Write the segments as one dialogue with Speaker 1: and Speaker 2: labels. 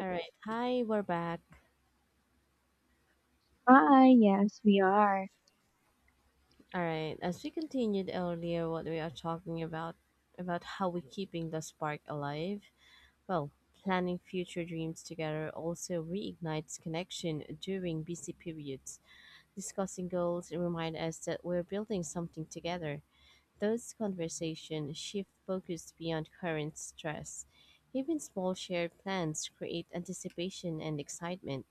Speaker 1: All right. Hi, we're back.
Speaker 2: Hi, yes, we are.
Speaker 1: All right. As we continued earlier, what we are talking about how we keeping the spark alive. Well, planning future dreams together also reignites connection during busy periods. Discussing goals remind us that we're building something together. Those conversations shift focus beyond current stress. Even small shared plans create anticipation and excitement.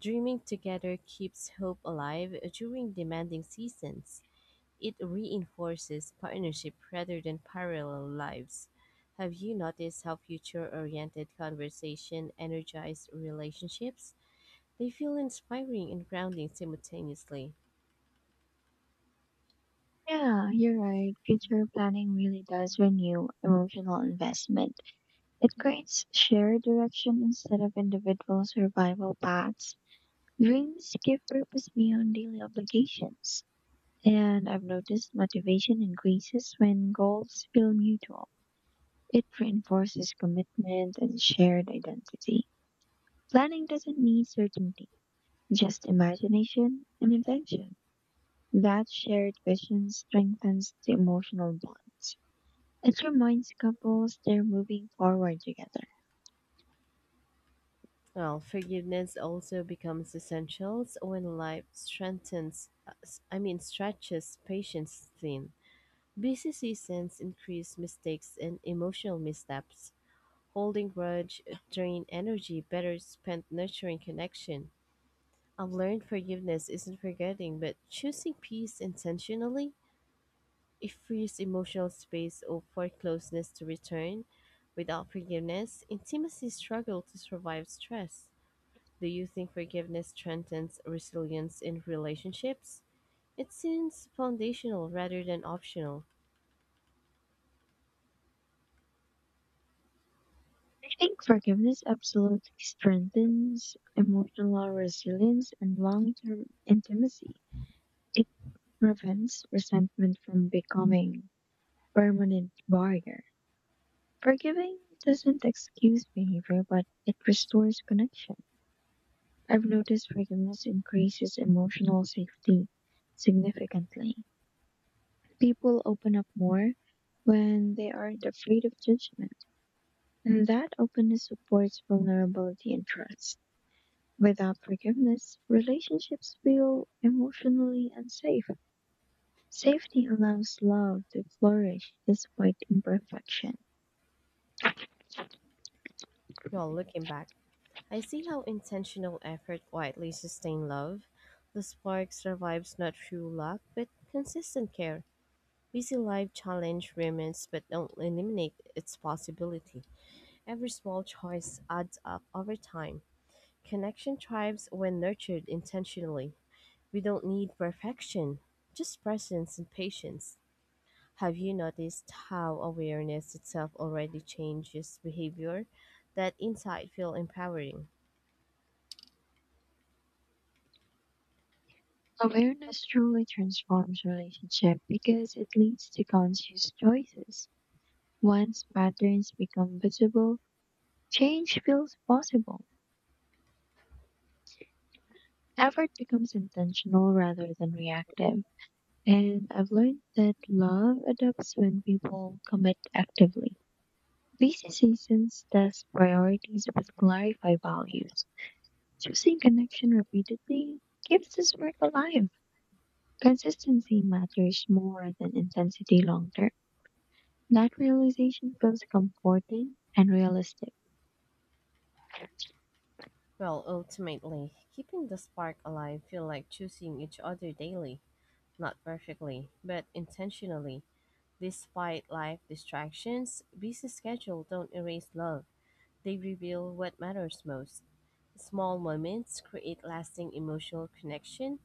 Speaker 1: Dreaming together keeps hope alive during demanding seasons. It reinforces partnership rather than parallel lives. Have you noticed how future oriented conversation energize relationships? They feel inspiring and grounding simultaneously.
Speaker 2: Yeah, you're right. Future planning really does renew emotional investment. It creates shared direction instead of individual survival paths. Dreams give purpose beyond daily obligations. And I've noticed motivation increases when goals feel mutual. It reinforces commitment and shared identity. Planning doesn't need certainty, just imagination and intention. That shared vision strengthens the emotional bonds. It reminds couples they're moving forward together.
Speaker 1: Well, forgiveness also becomes essential when life stretches patience thin. Busy seasons increase mistakes and emotional missteps. Holding grudge drain energy better spent nurturing connection. I've learned forgiveness isn't forgetting, but choosing peace intentionally, it frees emotional space or for closeness to return. Without forgiveness, intimacy struggle to survive stress. Do you think forgiveness strengthens resilience in relationships? It seems foundational rather than optional.
Speaker 2: I think forgiveness absolutely strengthens emotional resilience and long term intimacy. It prevents resentment from becoming a permanent barrier. Forgiving doesn't excuse behavior, but it restores connection. I've noticed forgiveness increases emotional safety significantly. People open up more when they aren't afraid of judgment, and that openness supports vulnerability and trust. Without forgiveness, relationships feel emotionally unsafe. Safety allows love to flourish despite imperfection.
Speaker 1: Well, looking back, I see how intentional effort quietly sustains love. The spark survives not through luck, but consistent care. Busy life challenge remains but don't eliminate its possibility. Every small choice adds up over time. Connection thrives when nurtured intentionally. We don't need perfection, just presence and patience. Have you noticed how awareness itself already changes behavior? That insight feel empowering.
Speaker 2: Awareness truly transforms relationship because it leads to conscious choices. Once patterns become visible, change feels possible. Effort becomes intentional rather than reactive. And I've learned that love adapts when people commit actively. Busy seasons test priorities but clarify values. Choosing connection repeatedly keeps this work alive. Consistency matters more than intensity long term. That realization feels comforting and realistic.
Speaker 1: Well, ultimately, keeping the spark alive feel like choosing each other daily, not perfectly, but intentionally. Despite life distractions, busy schedule don't erase love. They reveal what matters most. Small moments create lasting emotional connection.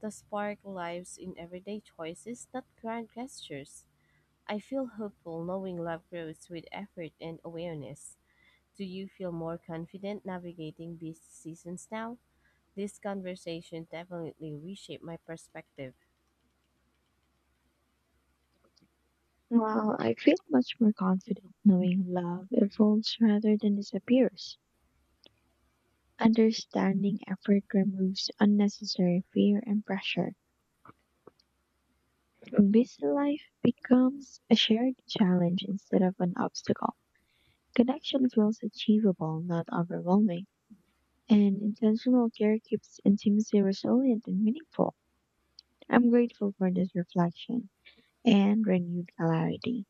Speaker 1: The spark lives in everyday choices, not grand gestures. I feel hopeful knowing love grows with effort and awareness. Do you feel more confident navigating busy seasons now? This conversation definitely reshaped my perspective.
Speaker 2: Well, I feel much more confident knowing love evolves rather than disappears. Understanding effort removes unnecessary fear and pressure. Busy life becomes a shared challenge instead of an obstacle. Connection feels achievable, not overwhelming, and intentional care keeps intimacy resilient and meaningful. I'm grateful for this reflection and renewed clarity.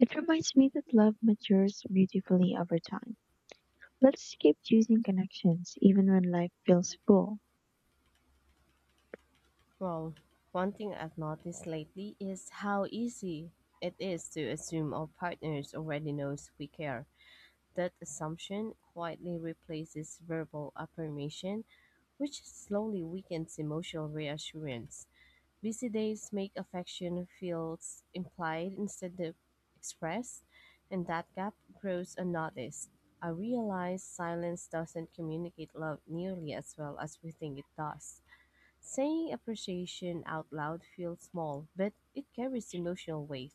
Speaker 2: It reminds me that love matures beautifully over time. Let's keep choosing connections even when life feels full.
Speaker 1: Well, one thing I've noticed lately is how easy it is to assume our partners already knows we care. That assumption quietly replaces verbal affirmation, which slowly weakens emotional reassurance. Busy days make affection feels implied instead of expressed, and that gap grows unnoticed. I realize silence doesn't communicate love nearly as well as we think it does. Saying appreciation out loud feels small, but it carries emotional weight.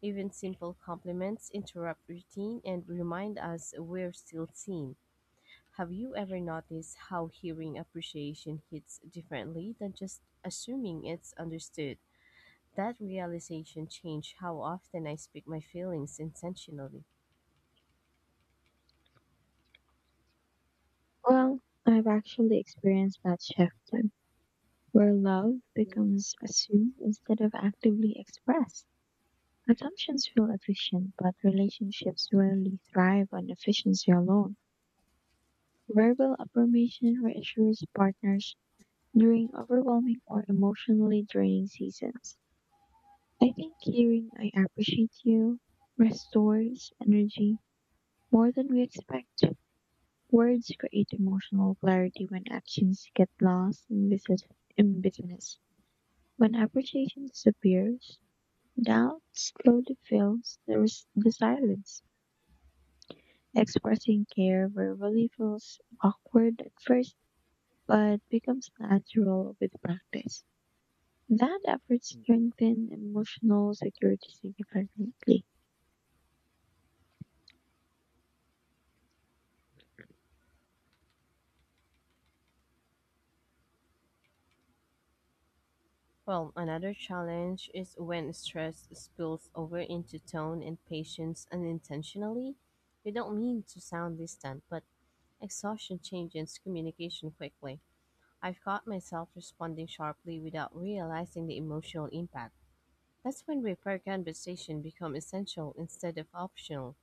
Speaker 1: Even simple compliments interrupt routine and remind us we're still seen. Have you ever noticed how hearing appreciation hits differently than just assuming it's understood? That realization changed how often I speak my feelings intentionally.
Speaker 2: Well, I've actually experienced that shift where love becomes assumed instead of actively expressed. Assumptions feel efficient, but relationships rarely thrive on efficiency alone. Verbal affirmation reassures partners during overwhelming or emotionally draining seasons. I think hearing I appreciate you restores energy more than we expect. Words create emotional clarity when actions get lost in business. When appreciation disappears, doubt slowly fills the silence. Expressing care verbally feels awkward at first, but becomes natural with practice. That effort strengthens emotional security significantly.
Speaker 1: Well, another challenge is when stress spills over into tone and patience unintentionally. You don't mean to sound distant, but exhaustion changes communication quickly. I've caught myself responding sharply without realizing the emotional impact. That's when repair conversation become essential instead of optional.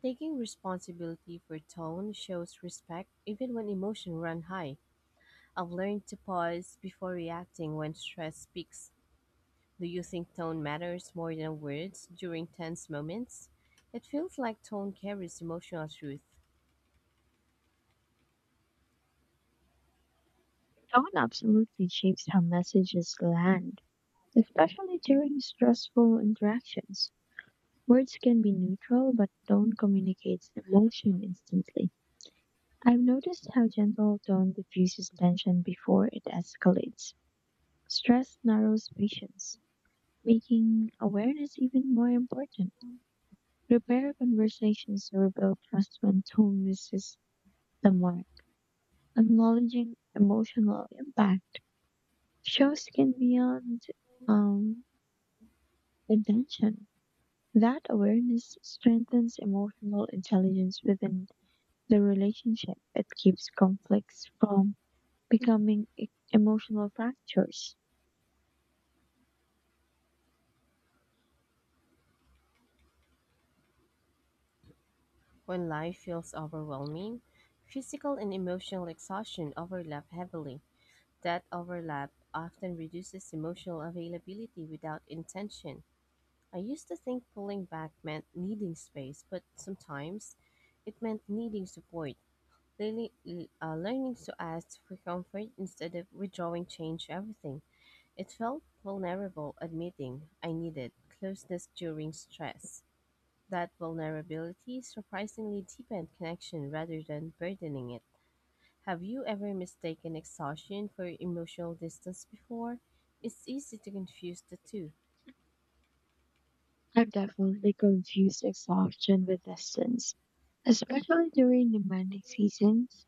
Speaker 1: Taking responsibility for tone shows respect even when emotion run high. I've learned to pause before reacting when stress speaks. Do you think tone matters more than words during tense moments? It feels like tone carries emotional truth.
Speaker 2: Tone absolutely shapes how messages land, especially during stressful interactions. Words can be neutral, but tone communicates emotion instantly. I've noticed how gentle tone diffuses tension before it escalates. Stress narrows patience, making awareness even more important. Repair conversations to rebuild trust when tone misses the mark. Acknowledging emotional impact shows skin beyond um, intention. That awareness strengthens emotional intelligence within the relationship. It keeps conflicts from becoming emotional fractures.
Speaker 1: When life feels overwhelming, physical and emotional exhaustion overlap heavily. That overlap often reduces emotional availability without intention. I used to think pulling back meant needing space, but sometimes it meant needing support. Learning, learning to ask for comfort instead of withdrawing changed everything. It felt vulnerable, admitting I needed closeness during stress. That vulnerability surprisingly deepened connection rather than burdening it. Have you ever mistaken exhaustion for emotional distance before? It's easy to confuse the two.
Speaker 2: I've definitely confused exhaustion with distance, especially during demanding seasons.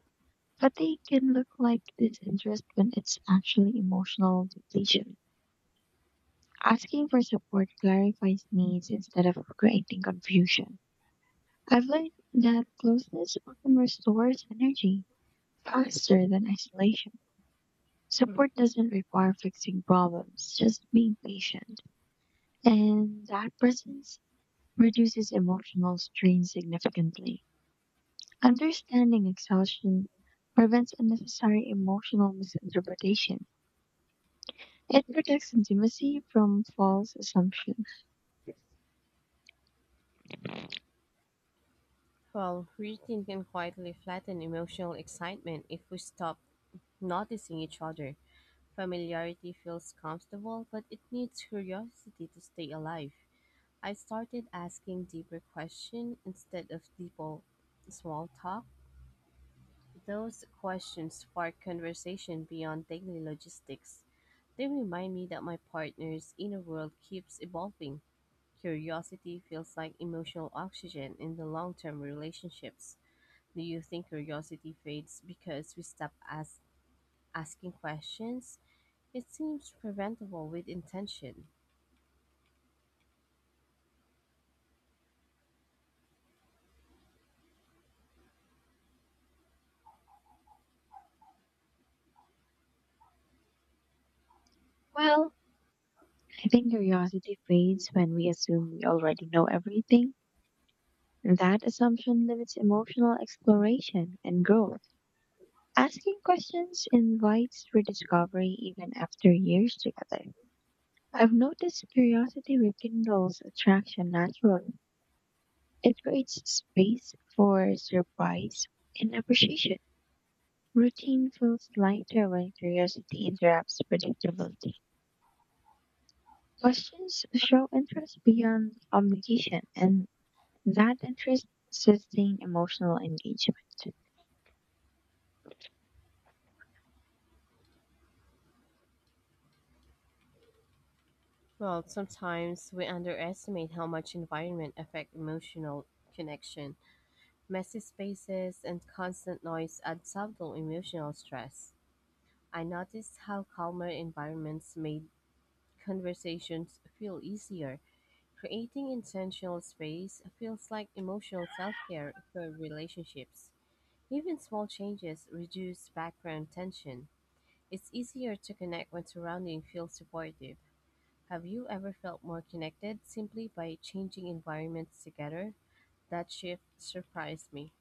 Speaker 2: But they can look like disinterest when it's actually emotional depletion. Asking for support clarifies needs instead of creating confusion. I've learned that closeness often restores energy faster than isolation. Support doesn't require fixing problems, just being patient. And that presence reduces emotional strain significantly. Understanding exhaustion prevents unnecessary emotional misinterpretation. It protects intimacy from false assumptions.
Speaker 1: Well, routine can quietly flatten emotional excitement if we stop noticing each other. Familiarity feels comfortable, but it needs curiosity to stay alive. I started asking deeper questions instead of deeper small talk. Those questions spark conversation beyond daily logistics. They remind me that my partner's inner world keeps evolving. Curiosity feels like emotional oxygen in the long term relationships. Do you think curiosity fades because we stop asking questions? It seems preventable with intention.
Speaker 2: Well, I think curiosity fades when we assume we already know everything. That assumption limits emotional exploration and growth. Asking questions invites rediscovery even after years together. I've noticed curiosity rekindles attraction naturally. It creates space for surprise and appreciation. Routine feels lighter when curiosity interrupts predictability. Questions show interest beyond obligation, and that interest sustains emotional engagement.
Speaker 1: Well, sometimes we underestimate how much environment affect emotional connection. Messy spaces and constant noise add subtle emotional stress. I noticed how calmer environments made conversations feel easier. Creating intentional space feels like emotional self-care for relationships. Even small changes reduce background tension. It's easier to connect when surrounding feels supportive. Have you ever felt more connected simply by changing environments together? That shift surprised me.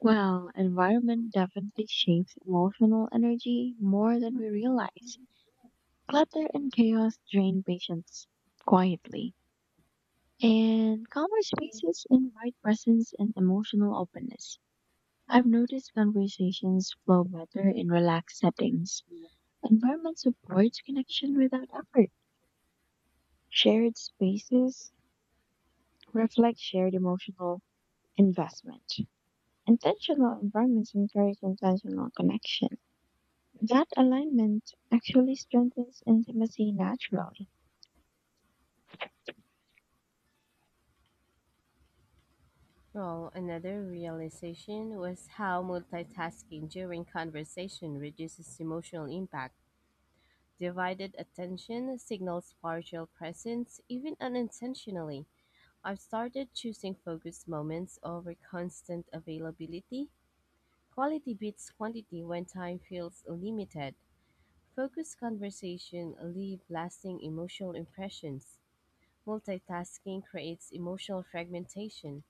Speaker 2: Well, environment definitely shapes emotional energy more than we realize. Clutter and chaos drain patience quietly, and calmer spaces invite presence and emotional openness. I've noticed conversations flow better in relaxed settings. Environment supports connection without effort. Shared spaces reflect shared emotional investment. Intentional environments encourage intentional connection. That alignment actually strengthens intimacy naturally.
Speaker 1: Well, another realization was how multitasking during conversation reduces emotional impact. Divided attention signals partial presence, even unintentionally. I've started choosing focused moments over constant availability. Quality beats quantity when time feels limited. Focused conversation leave lasting emotional impressions. Multitasking creates emotional fragmentation.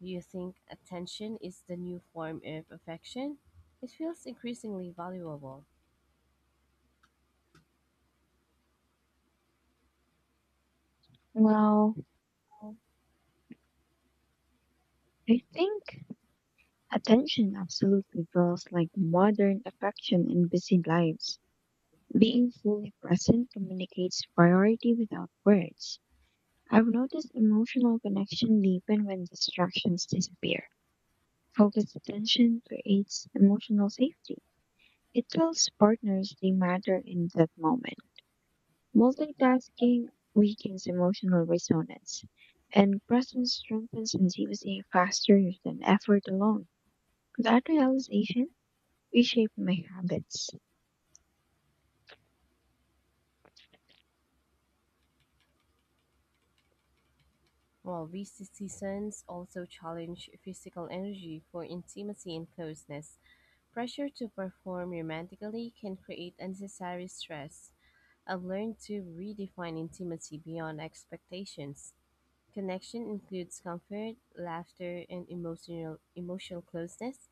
Speaker 1: Do you think attention is the new form of affection? It feels increasingly valuable.
Speaker 2: Well, I think attention absolutely feels like modern affection in busy lives. Being fully present communicates priority without words. I've noticed emotional connection deepen when distractions disappear. Focused attention creates emotional safety. It tells partners they matter in that moment. Multitasking weakens emotional resonance, and presence strengthens intimacy faster than effort alone. That realization reshaped my habits.
Speaker 1: While busy seasons also challenge physical energy for intimacy and closeness, pressure to perform romantically can create unnecessary stress. I've learned to redefine intimacy beyond expectations. Connection includes comfort, laughter, and emotional closeness.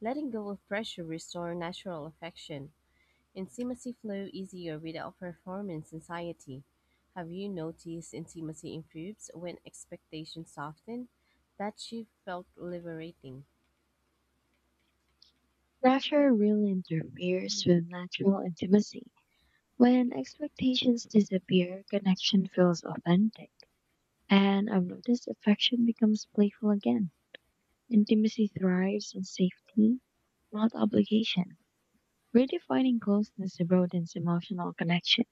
Speaker 1: Letting go of pressure restore natural affection. Intimacy flow easier without performance anxiety. Have you noticed intimacy improves when expectations soften? That shift felt liberating.
Speaker 2: Pressure really interferes with natural intimacy. When expectations disappear, connection feels authentic, and I've noticed affection becomes playful again. Intimacy thrives in safety, not obligation. Redefining closeness broadens emotional connection.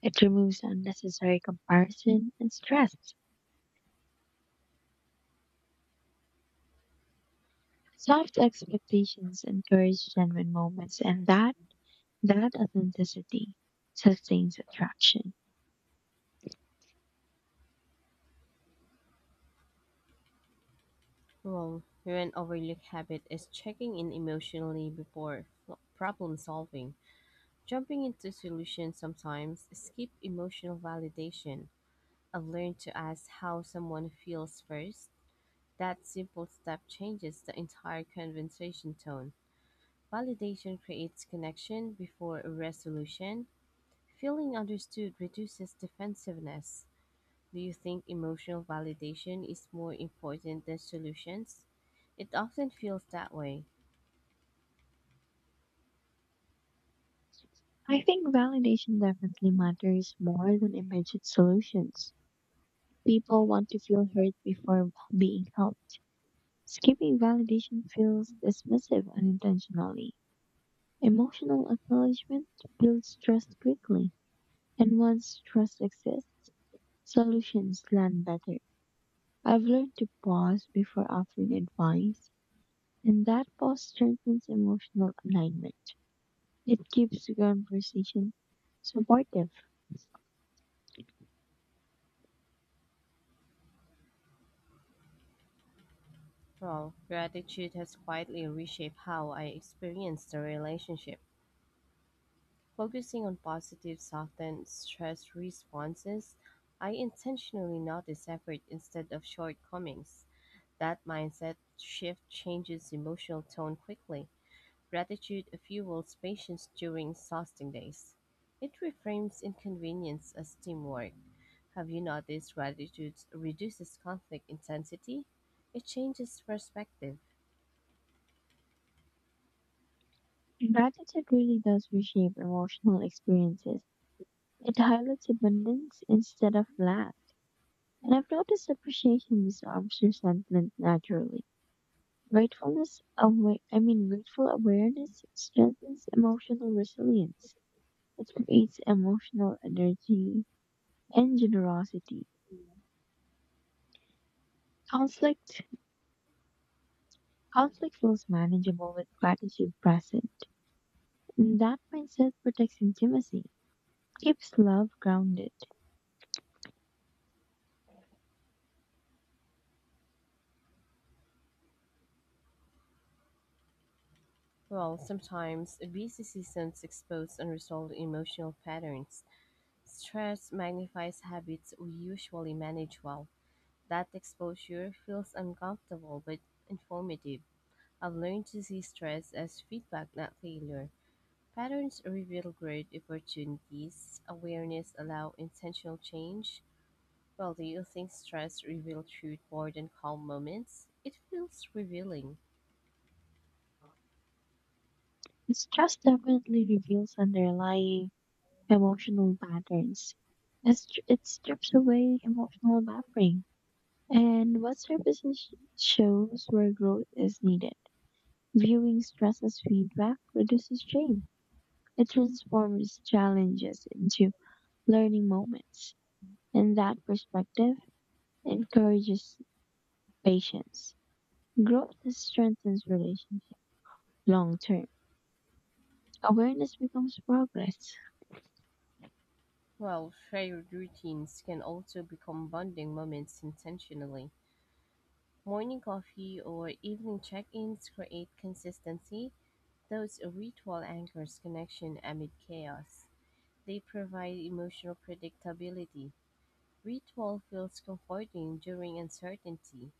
Speaker 2: It removes unnecessary comparison and stress. Soft expectations encourage genuine moments, and that authenticity sustains attraction.
Speaker 1: Well, here an overlooked habit is checking in emotionally before problem solving. Jumping into solutions sometimes skip emotional validation. I've learned to ask how someone feels first. That simple step changes the entire conversation tone. Validation creates connection before resolution. Feeling understood reduces defensiveness. Do you think emotional validation is more important than solutions? It often feels that way.
Speaker 2: I think validation definitely matters more than immediate solutions. People want to feel heard before being helped. Skipping validation feels dismissive unintentionally. Emotional acknowledgement builds trust quickly. And once trust exists, solutions land better. I've learned to pause before offering advice, and that pause strengthens emotional alignment. It keeps the conversation supportive.
Speaker 1: Well, gratitude has quietly reshaped how I experience the relationship. Focusing on positive soften stress responses, I intentionally notice effort instead of shortcomings. That mindset shift changes emotional tone quickly. Gratitude fuels patience during exhausting days. It reframes inconvenience as teamwork. Have you noticed gratitude reduces conflict intensity? It changes perspective.
Speaker 2: Gratitude really does reshape emotional experiences. It highlights abundance instead of lack. And I've noticed appreciation disarms resentment naturally. I mean, grateful awareness strengthens emotional resilience. It creates emotional energy and generosity. Conflict conflict feels manageable with gratitude present. And that mindset protects intimacy, keeps love grounded.
Speaker 1: Well, sometimes busy seasons expose unresolved emotional patterns. Stress magnifies habits we usually manage well. That exposure feels uncomfortable but informative. I've learned to see stress as feedback, not failure. Patterns reveal great opportunities. Awareness allows intentional change. Well, do you think stress reveals truth more than calm moments? It feels revealing.
Speaker 2: Stress definitely reveals underlying emotional patterns. It strips away emotional buffering. And what surfaces shows where growth is needed. Viewing stress as feedback reduces shame. It transforms challenges into learning moments, and that perspective encourages patience. Growth strengthens relationships long term. Awareness becomes progress.
Speaker 1: Well, shared routines can also become bonding moments intentionally. Morning coffee or evening check ins create consistency. Those ritual anchors connection amid chaos. They provide emotional predictability. Ritual feels comforting during uncertainty.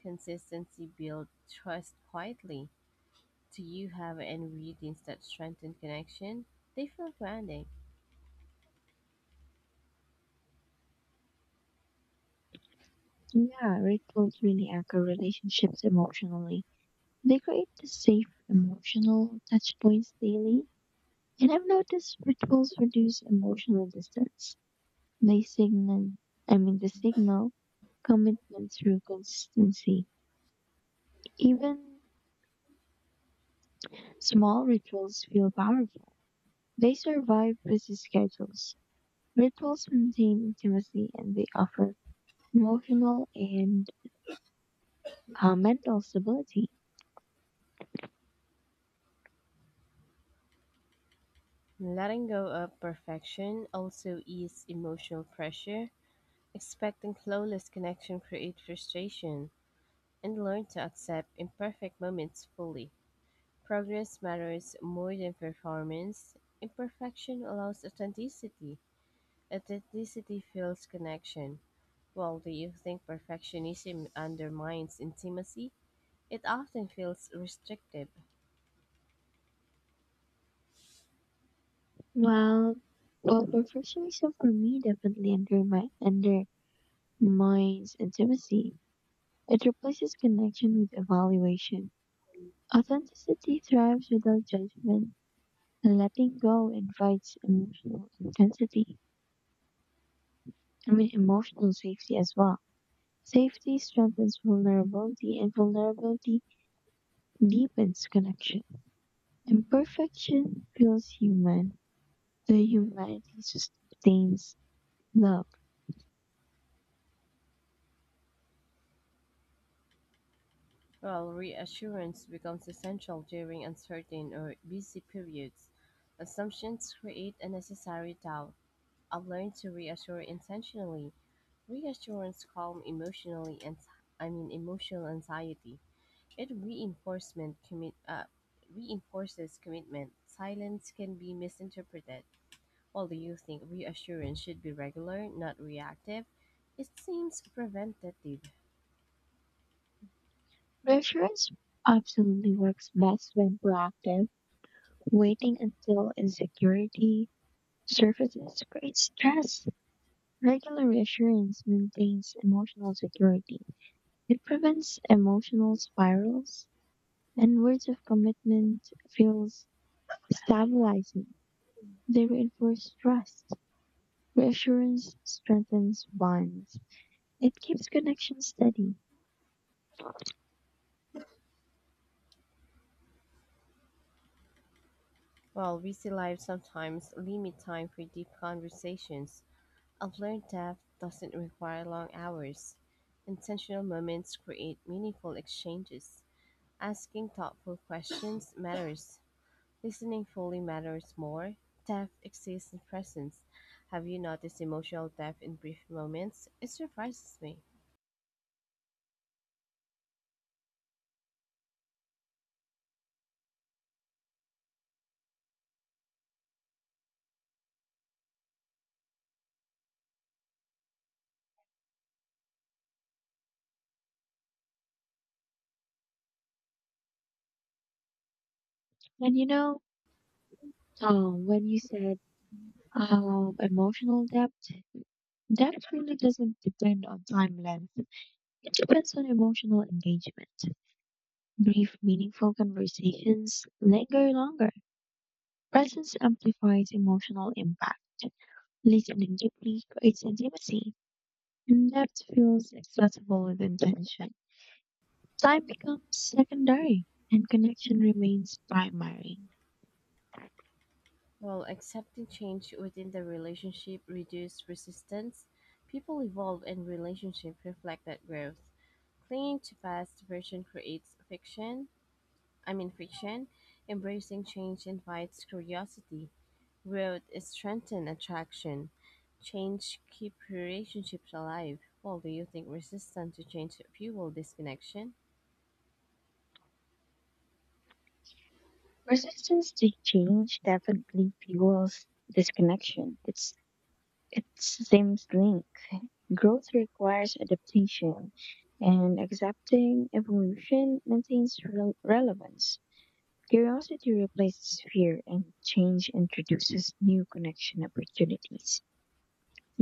Speaker 1: Consistency builds trust quietly. Do you have any readings that strengthen connection? They feel grounding.
Speaker 2: Yeah, rituals really anchor relationships emotionally. They create the safe emotional touch points daily. And I've noticed rituals reduce emotional distance. They signal, I mean, the signal commitment through consistency. Even small rituals feel powerful. They survive busy schedules, rituals maintain intimacy, and they offer emotional and mental stability.
Speaker 1: Letting go of perfection also eases emotional pressure. Expecting flawless connection creates frustration, and learn to accept imperfect moments fully. Progress matters more than performance. Imperfection allows authenticity. Authenticity fuels connection. While do you think perfectionism undermines intimacy? It often feels restrictive,
Speaker 2: Well, well, perfectionism for me definitely undermines intimacy. It replaces connection with evaluation. Authenticity thrives without judgment, and letting go invites emotional intensity. I mean, emotional safety as well. Safety strengthens vulnerability, and vulnerability deepens connection. Imperfection feels human. The humanity sustains love.
Speaker 1: while reassurance becomes essential during uncertain or busy periods. Assumptions create unnecessary doubt. I've learned to reassure intentionally. Reassurance calm emotionally and I mean, emotional anxiety. It reinforcement commit reinforces commitment. Silence can be misinterpreted. While you think reassurance should be regular, not reactive, it seems preventative.
Speaker 2: Reassurance absolutely works best when proactive. Waiting until insecurity surfaces creates stress. Regular reassurance maintains emotional security. It prevents emotional spirals, and words of commitment feels stabilizing. They reinforce trust. Reassurance strengthens bonds. It keeps connections steady.
Speaker 1: While busy lives sometimes limit time for deep conversations, I've learned that doesn't require long hours. Intentional moments create meaningful exchanges. Asking thoughtful questions matters. Listening fully matters more. Depth exists in presence. Have you noticed emotional depth in brief moments? It surprises me.
Speaker 2: And when you said emotional depth really doesn't depend on time length. It depends on emotional engagement. Brief, meaningful conversations linger longer. Presence amplifies emotional impact. Listening deeply creates intimacy. And depth feels accessible with intention. Time becomes secondary and connection remains primary.
Speaker 1: While accepting change within the relationship reduces resistance, people evolve and relationships reflect that growth. Clinging to past version creates fiction. I mean friction. Embracing change invites curiosity. Growth is strengthen attraction. Change keep relationships alive. Well, do you think resistance to change fuel disconnection?
Speaker 2: Resistance to change definitely fuels disconnection. It's the same link. Growth requires adaptation, and accepting evolution maintains relevance. Curiosity replaces fear, and change introduces new connection opportunities.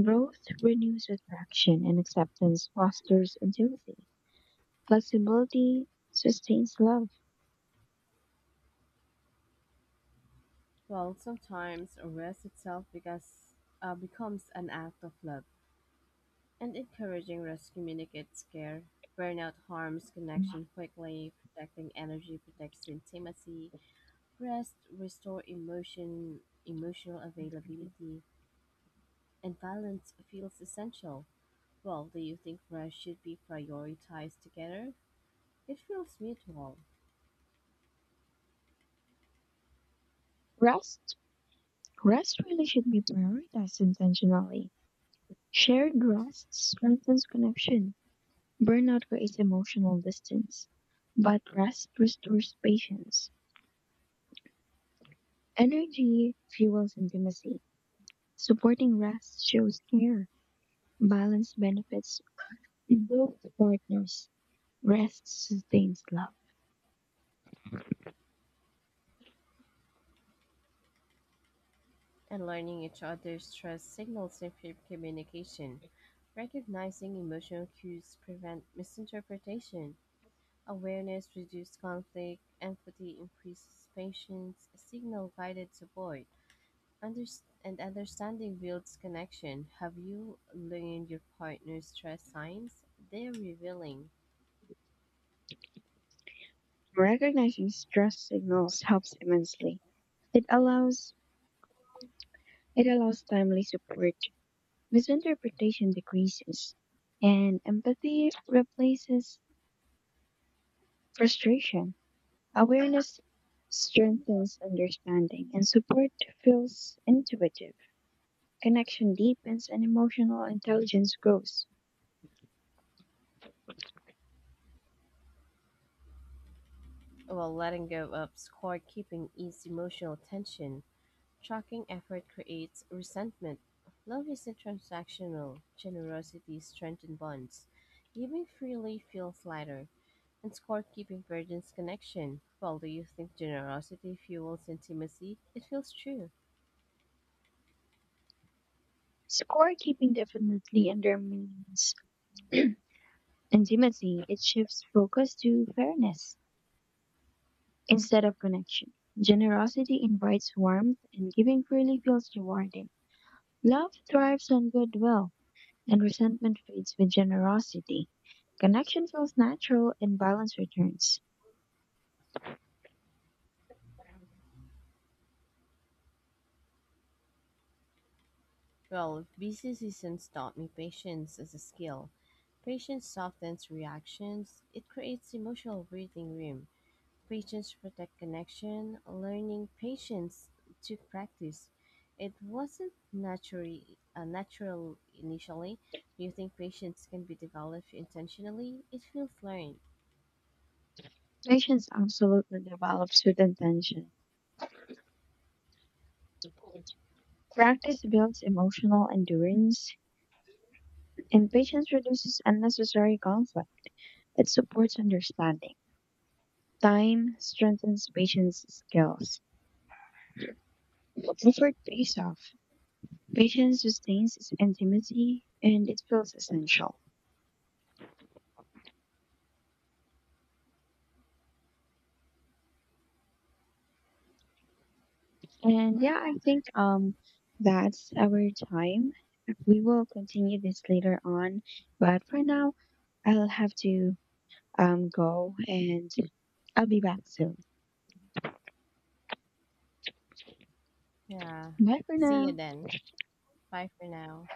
Speaker 2: Growth renews attraction, and acceptance fosters intimacy. Flexibility sustains love.
Speaker 1: Well, sometimes rest itself because becomes an act of love. And encouraging rest communicates care. Burnout harms connection quickly. Protecting energy protects intimacy. Rest restore emotional availability, and balance feels essential. Well, do you think rest should be prioritized together? It feels mutual,
Speaker 2: Rest. Rest really should be prioritized intentionally. Shared rest strengthens connection. Burnout creates emotional distance, but rest restores patience. Energy fuels intimacy. Supporting rest shows care. Balance benefits both partners. Rest sustains love.
Speaker 1: and learning each other's stress signals improved communication. Recognizing emotional cues prevent misinterpretation. Awareness reduces conflict. Empathy increases patience. Signal guided support. And understanding builds connection. Have you learned your partner's stress signs? They're revealing.
Speaker 2: Recognizing stress signals helps immensely. It allows It allows timely support. Misinterpretation decreases, and empathy replaces frustration. Awareness strengthens understanding, and support feels intuitive. Connection deepens, and emotional intelligence grows.
Speaker 1: While letting go of score keeping ease emotional tension. Tracking effort creates resentment. Love is recent transactional generosity strengthens bonds; giving freely feels lighter; and scorekeeping burdens connection. Well, do you think generosity fuels intimacy? It feels true.
Speaker 2: Scorekeeping definitely undermines intimacy. It shifts focus to fairness instead of connection. Generosity invites warmth, and giving freely feels rewarding. Love thrives on goodwill, and resentment fades with generosity. Connection feels natural, and balance returns.
Speaker 1: Well, busy seasons taught me patience as a skill. Patience softens reactions. It creates emotional breathing room. Patience protect connection, learning patience to practice. It wasn't natural initially. Do you think patience can be developed intentionally? It feels learned.
Speaker 2: Patience absolutely develops with intention. Practice builds emotional endurance, and patience reduces unnecessary conflict. It supports understanding. Time strengthens patience skills. Effort pays off. Patience sustains intimacy, and it feels essential. And yeah, I think that's our time. We will continue this later on, but for now, I'll have to go, and I'll be back soon.
Speaker 1: Yeah.
Speaker 2: Bye for
Speaker 1: See you
Speaker 2: now.
Speaker 1: then. Bye for now.